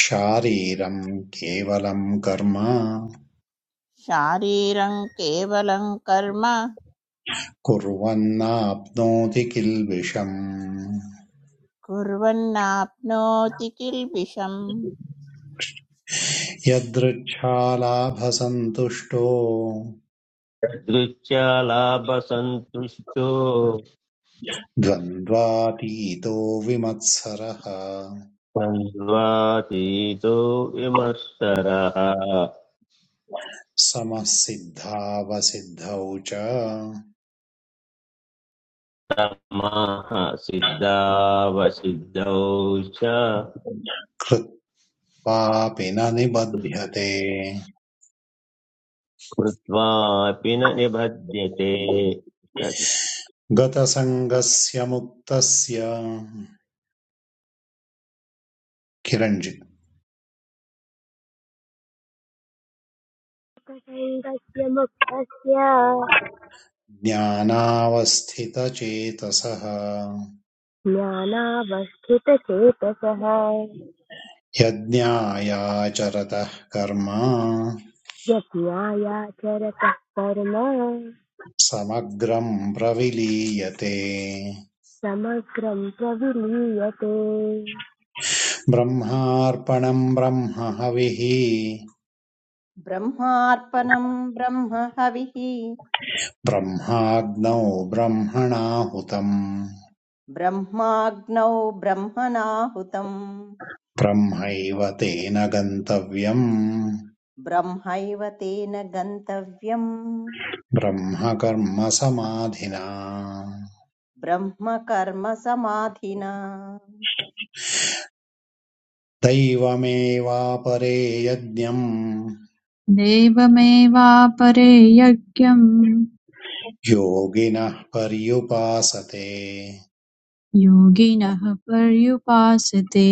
शारीरं केवलं कर्म
शारीरं केवलं कर्म
कुर्वन्नाप्नोति किल्बिषम्
कुर्वन्नाप्नोति किल्बिषम्
यदृच्छालाभसन्तुष्टो
दृष्ट्या लाभसन्तुष्टो
द्वन्द्वातीतो विमत्सरः
द्वन्द्वातीतो विमत्सरः
समसिद्धावसिद्धौ च
माः सिद्धावसिद्धौ च
कृत्वापि न निबध्यते
कृत्वापि न निबध्यते
गतसङ्गस्य मुक्तस्य किरञ्जित्
तस्य मुक्तस्य
ज्ञानावस्थितचेतसः
ज्ञानावस्थितचेतसः
यज्ञायाचरतः कर्म
यज्ञायाचरतः कर्म
समग्रम् प्रविलीयते
समग्रं प्रविलीयते
ब्रह्मार्पणम् ब्रह्म हविः
ब्रह्मार्पणम् ब्रह्म हविः
ब्रह्माग्नौ ब्रह्मणाहुतम्
ब्रह्माग्नौ ब्रह्मणाहुतम्
ब्रह्मैव तेन गन्तव्यम्
ब्रह्मैव तेन गन्तव्यम्
ब्रह्मकर्म समाधिना
ब्रह्म कर्म समाधिना
दैवमेवापरे यज्ञम्
देवमेवापरे यज्ञम्
योगिनः पर्युपासते
योगिनः पर्युपासते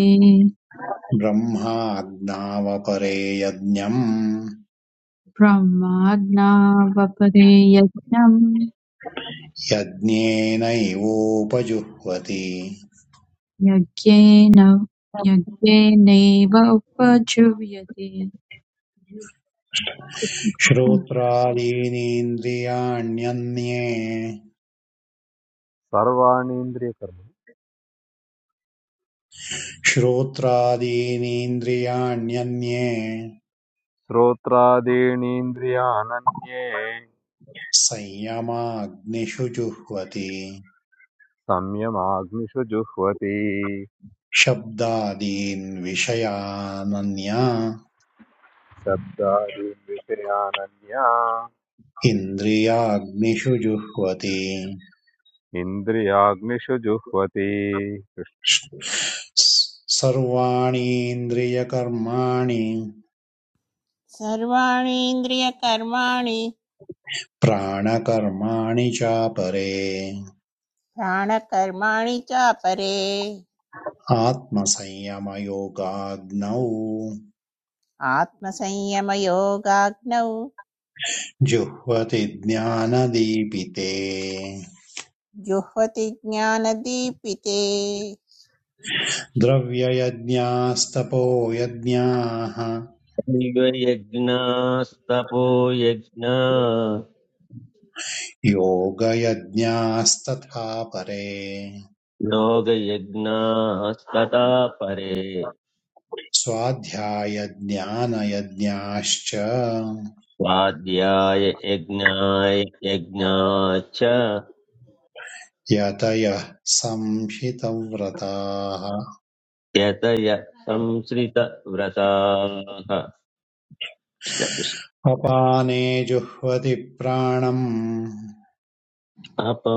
ब्रह्माज्ञावपरे यज्ञम्
ब्रह्माज्ञावपरे यज्ञम्
यज्ञेनैवोपजुह्वति
यज्ञेन यज्ञेनैव उपजीव्यते
श्रोत्रादीनीन्द्रियाण्यन्ये
सर्वाणीन्द्रियकर्म
श्रोत्रादीनीन्द्रियाण्यन्ये
श्रोत्रादीनीन्द्रियानन्ये
संयमाग्निषु जुह्वति
संयमाग्निषु जुह्वति
शब्दादीन् विषयानन्या
शब्दादीन् विषयानन्या
इन्द्रियाग्निषु जुह्वति
इन्द्रियाग्निषु जुह्वति
सर्वाणि इन्द्रियकर्माणि
सर्वाणि इन्द्रियकर्माणि
प्राणकर्माणि चापरे
प्राणकर्माणि चापरे
आत्मसंयमयोगाग्नौ
आत्मसंयमयोगाग्नौ
जुह्वति ज्ञानदीपिते
जुह्वति ज्ञानदीपिते
द्रव्ययज्ञास्तपो यज्ञाः
तथैव यज्ञास्तपो यज्ञा
योगयज्ञास्तथा परे
योगयज्ञास्तथा परे
स्वाध्यायज्ञानयज्ञाश्च
स्वाध्याय यज्ञाय यज्ञाच्च
यतयः संशितव्रताः
यतय संसृतव्रताः कृष्ण कृष्ण।
अपाने जुह्वति प्राणम्
अपा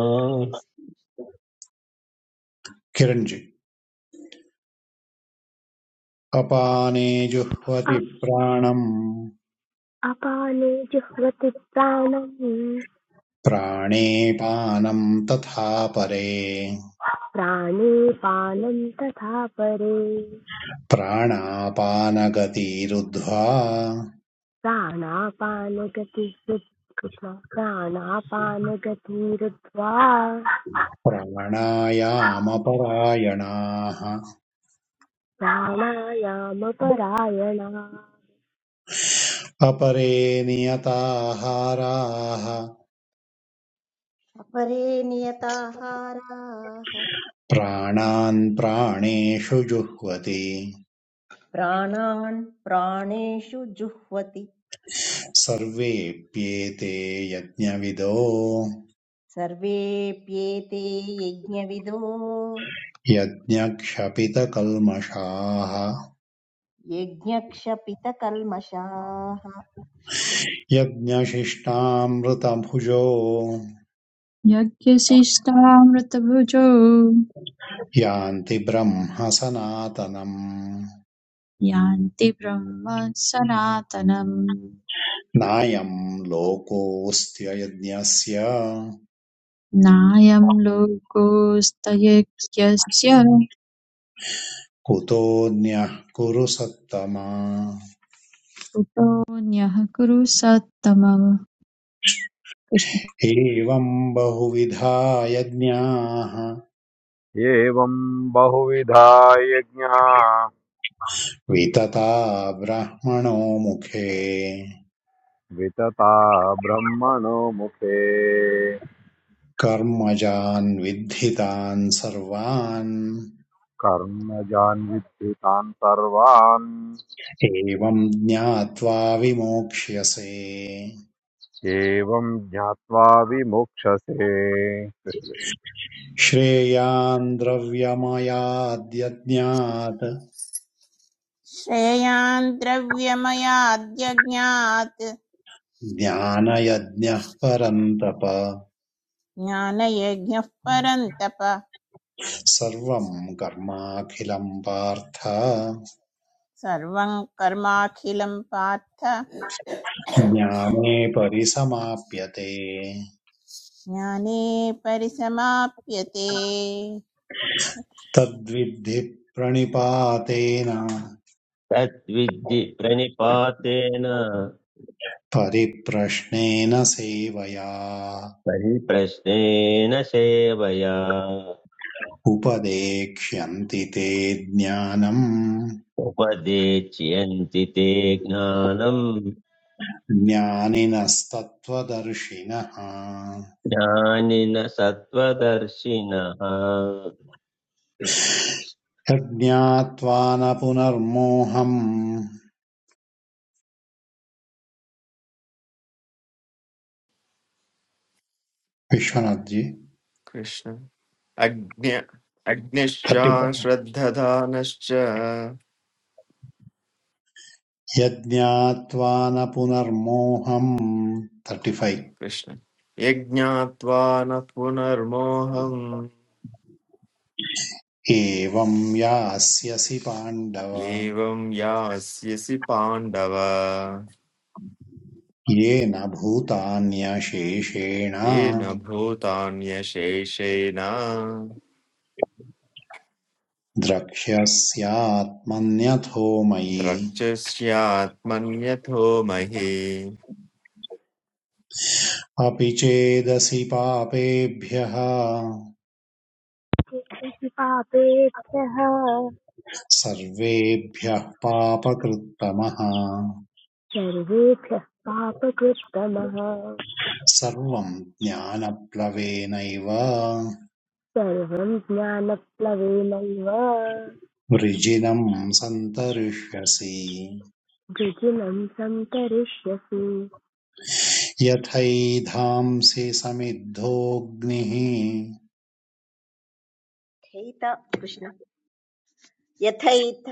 किरञ्जि अपाने जुह्वति
अ-
प्राणम्
अपाने जुह्वति प्राणम्
प्राणेपानम् तथा परे
प्राणे पानं तथा परे
प्राणापानगतिरुद्ध्वा
प्राणापानगति कृष्ण प्राणापानगतिरुद्ध्वा
प्राणायामपरायणाः
प्राणायामपरायणा
अपरे नियताहाराः
अपरे नियताहाराः
प्राणान् प्राणेषु जुह्वति
प्राणान् प्राणेषु जुह्वति
सर्वेऽप्येते यज्ञविदो
सर्वेऽप्येते यज्ञविदो
यज्ञक्षपितकल्मषाः
यज्ञक्षपितकल्मषाः
यज्ञशिष्टामृतभुजो
यज्ञशिष्टामृतभुजो
यान्ति ब्रह्म सनातनम्
यान्ति ब्रह्म सनातनम्
नायं लोकोऽस्त्ययज्ञस्य
नायं लोकोऽस्त्ययज्ञस्य
कुतोऽन्यः कुरु सत्तमा
कुतोऽन्यः कुरु सत्तमः कृष्ण
एवं बहुविधा यज्ञाः
एवं बहुविधा यज्ञा
वितता ब्रह्मणो मुखे
वितता ब्रह्मणो मुखे
कर्मजान् विद्धितान् सर्वान्
कर्मजान् विद्युतान् सर्वान्
एवं ज्ञात्वा विमोक्ष्यसे
एवं ज्ञात्वा विमुक्षसे
श्रेयान् द्रव्यमयाद्यज्ञात्
श्रेयान् द्रव्यमयाद्यज्ञात्
ज्ञानयज्ञः परन्तप
ज्ञानयज्ञः परन्तप
सर्वं कर्माखिलं पार्थ
सर्वं कर्माखिलं पार्थ
ज्ञाने परिसमाप्यते
ज्ञाने परिसमाप्यते
तद्विद्धि प्रणिपातेन
तद्विद्धि प्रणिपातेन
परिप्रश्नेन सेवया
परिप्रश्नेन सेवया
उपदेक्ष्यन्ति ते ज्ञानम्
उपदेच्यन्ति ते ज्ञानम्
ज्ञानिनस्तत्त्वदर्शिनः
ज्ञानिन सत्त्वदर्शिनः
यज्ञात्वा न पुनर्मोहम् विश्वनाथ्जी
कृष्ण अग्न्य अग्निश्च
थर्टि
श्रद्धधानश्च
यज्ञात्वा न पुनर्मोहम् 35
कृष्ण यज्ञात्वा न पुनर्मोहम्
एवं यास्यसि पाण्डव
एवं यास्यसि पाण्डव
येन भूतान्यशेषेण
येन भूतान्यशेषेण
द्रक्ष्यस्यात्मन्यथो मयि
द्रक्ष्यस्यात्मन्यथो महि
अपि चेदसि पापेभ्यः
इति पापेभ्यः
सर्वेभ्यः पापकृत्तमः
सर्वेभ्यः पापकृत्तमः
सर्वं ज्ञानप्लवेनैव
सर्वं ज्ञानप्लवेनैव
वृजिनं सन्तरिष्यसि
द्विजिनं संतरिष्यसि
यथैधांसि समिद्धोऽग्निः
यथैत कृष्ण यथैथ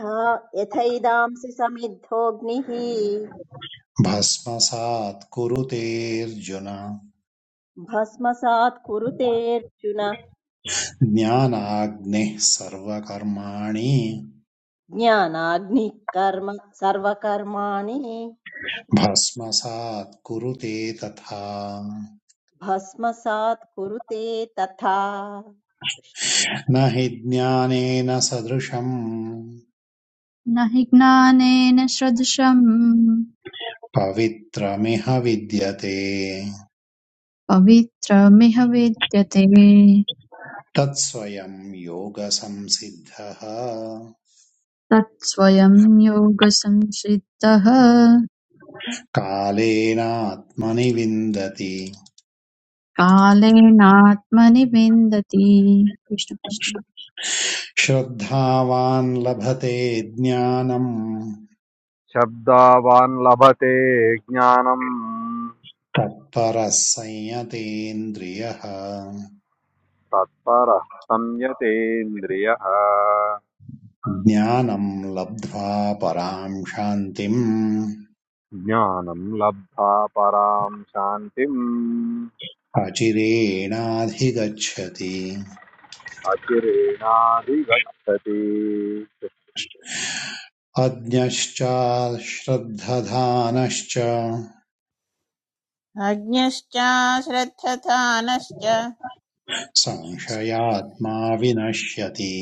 यथैदांसि समिद्धोऽग्निः
भस्मसात् कुरुतेऽर्जुन
भस्मसात् कुरुतेऽर्जुन
ज्ञानाग्निः सर्वकर्माणि
ज्ञानाग्निः कर्म सर्वकर्माणि कृष्ण
भस्मसात् कुरुते तथा
भस्मसात् कुरुते तथा कृष्ण
न हि ज्ञानेन सदृशम्
न हि ज्ञानेन सदृशम्
पवित्रमिह विद्यते
पवित्रमिह विद्यते
तत्स्वयं योगसंसिद्धः
तत्स्वयं योगसंसिद्धः
कालेनात्मनि विन्दति
कालेनात्मनि विन्दति कृष्ण कृष्ण
श्रद्धावान् लभते ज्ञानम्
शब्दावान् लभते ज्ञानम्
तत्परः संयतेन्द्रियः
तत्परः संयतेन्द्रियः
ज्ञानम् लब्ध्वा पराम् शान्तिम्
ज्ञानं लब्धा परां शान्तिम्
अचिरेणाधिगच्छति
अचिरेणाधिगच्छति
अज्ञश्च श्रद्धधानश्च
अज्ञश्च श्रद्धधानश्च
संशयात्मा विनश्यति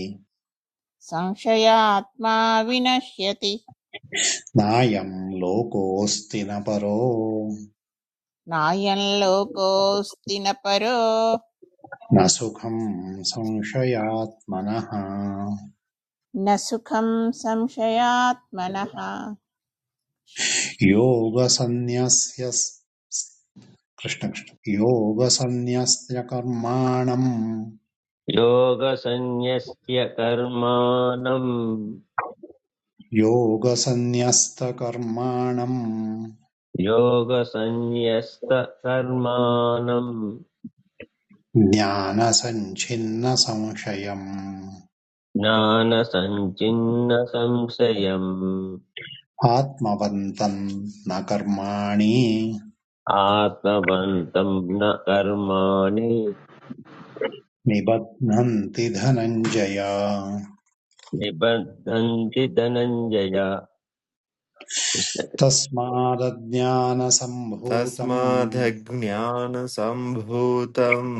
संशयात्मा विनश्यति
नायम् लोकोऽस्ति न परो
नायं लोकोऽस्ति न परो
न सुखम् संशयात्मनः
न सुखं संशयात्मनः कृष्ण, कृष्ण।
योगसंन्यस्य कृष्ण कृष्ण योगसंन्यस्तकर्माणम्
योगसंन्यस्य कर्माणम्
योगसंन्यस्तकर्माणम्
योगसंन्यस्तकर्माणम्
ज्ञानसञ्छिन्नसंशयम्
ज्ञानसञ्चिन्न संशयम्
आत्मवन्तम् न कर्माणि
आत्मवन्तं न कर्माणि
निबध्नन्ति धनञ्जय
निबद्धन्ति धनञ्जय Consideração.
तस्मादज्ञानसम्भूतम्
तस्मादज्ञानसम्भूतम्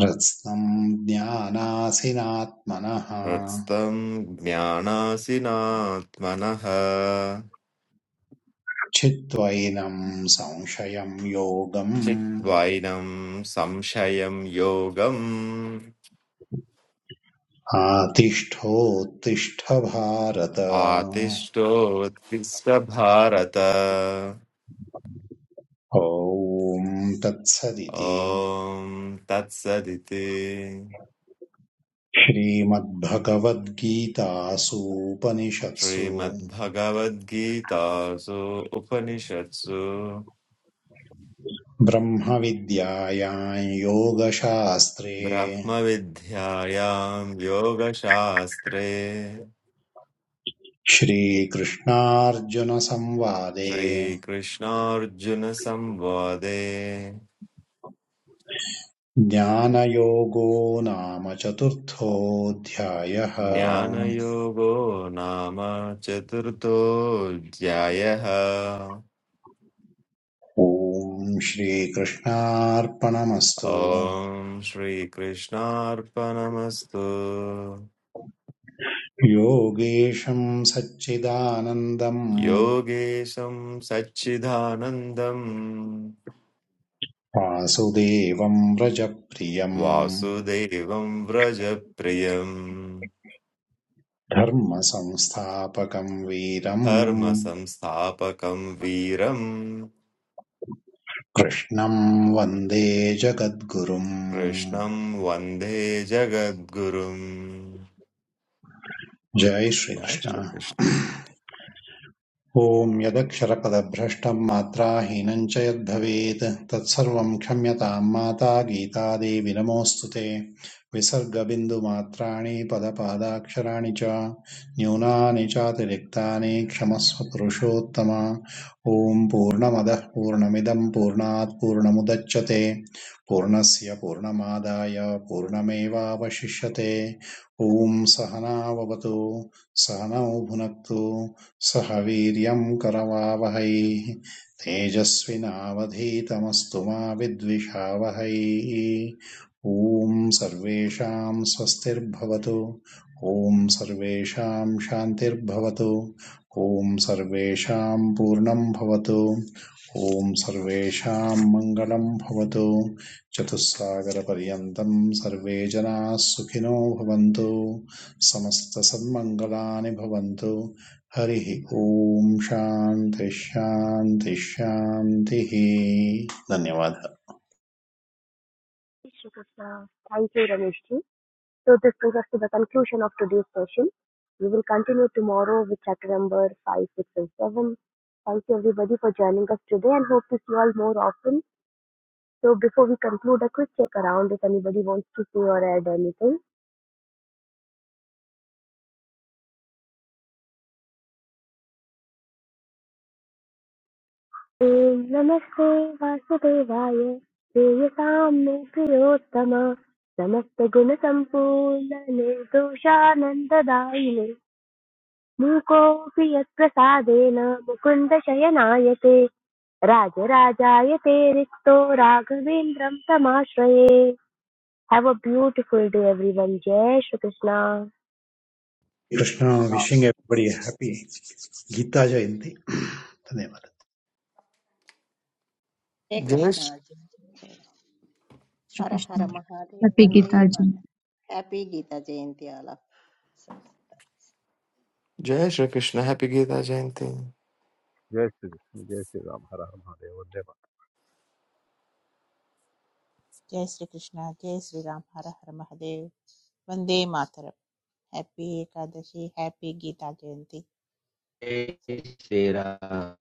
हृत्स्नम् ज्ञानासिनात्मनः
हृत्स्थं ज्ञानासिनात्मनः
चित्वैनं संशयं योगम्
चिद्वैनं संशयं योगम्
आतिष्ठोत्तिष्ठ भारत
आतिष्ठोत्तिष्ठ भारत
ॐ तत्सदिति
ॐ तत्सदिति
श्रीमद्भगवद्गीतासूपनिषत्सु
श्रीमद्भगवद्गीतासु उपनिषत्सु
ब्रह्मविद्यायां योगशास्त्रे
ब्रह्मविद्यायां योगशास्त्रे
श्रीकृष्णार्जुनसंवादे
श्रीकृष्णार्जुनसंवादे
ज्ञानयोगो नाम चतुर्थोऽध्यायः
ज्ञानयोगो नाम चतुर्थोऽध्यायः
ॐ श्रीकृष्णार्पणमस्तु
ॐ श्रीकृष्णार्पणमस्तु
योगेशं सच्चिदानंदं
योगेशं सच्चिदानन्दं
वासुदेवं रजप्रियं
वासुदेवं व्रजप्रियं
धर्मसंस्थापकम् वीरम्
धर्मसंस्थापकं वीरं
कृष्णम् वन्दे जगद्गुरुम्
कृष्णं वन्दे जगद्गुरुम्
जय
जय
श्रीकृष्ण
श्रीकृष्ण
ॐ यदक्षरपदभ्रष्टं मात्राहीनं च यद्भवेत् तत्सर्वं क्षम्यतां माता गीतादेवि नमोऽस्तु ते विसर्गबिन्दुमात्राणि पदपादाक्षराणि च न्यूनानि चातिरिक्तानि क्षमस्व पुरुषोत्तम ॐ पूर्णमदः पूर्णमिदं पूर्णात् पूर्णमुदच्यते पूर्णस्य पूर्णमादाय पूर्णमेवावशिष्यते ॐ सहनाववतु सहनौ भुनक्तु सह वीर्यम् करवावहै तेजस्विनावधीतमस्तु मा विद्विषावहै ॐ सर्वेषाम् स्वस्तिर्भवतु ॐ सर्वेषाम् शान्तिर्भवतु ॐ सर्वेषाम् पूर्णम् भवतु ॐ सर्वेषाम् मङ्गलम् भवतु चतुस्सागरपर्यन्तम् सर्वे जनाः सुखिनो भवन्तु समस्तसन्मङ्गलानि भवन्तु हरिः ॐ शान्ति शान्ति शान्तिः धन्यवाद
Shri Krishna thank you Ramesh ji. So this brings us to the conclusion of today's session. We will continue tomorrow with chapter number 5, 6 and 7. Thank you everybody for joining us today and hope to see you all more often. So before we conclude, a quick check around if anybody wants to say or add anything. Om Namaste Vasudevaya, वासुदेवाय प्रेयसाम्ये प्रियोत्तम समस्त गुण संपूर्ण निर्दोषानन्ददायिने मूकोऽपि यत्प्रसादेन मुकुन्दशयनाय ते राजराजाय ते रिक्तो राघवेन्द्रं तमाश्रये have a beautiful day every one जय Shri Krishna
Krishna wishing everybody happy गीता जयंती धन्यवाद
हे
जय श्रीकृष्ण।
कृष्णार्जुन
कृष्ण
हर
कृष्ण
हर महादेव
हैप्पी
वन्दे
गीता जी
मातरम्। हैप्पी गीता जयन्ती आल
जय श्रीकृष्ण हैप्पी गीता जयंती
जय श्री कृष्ण, जय श्रीराम हर हर महादेव वन्दे
जय श्रीकृष्ण जय हर हर महादेव वन्दे मातरम् happy Ekadashi happy Gita Jayanti acètic
Terceira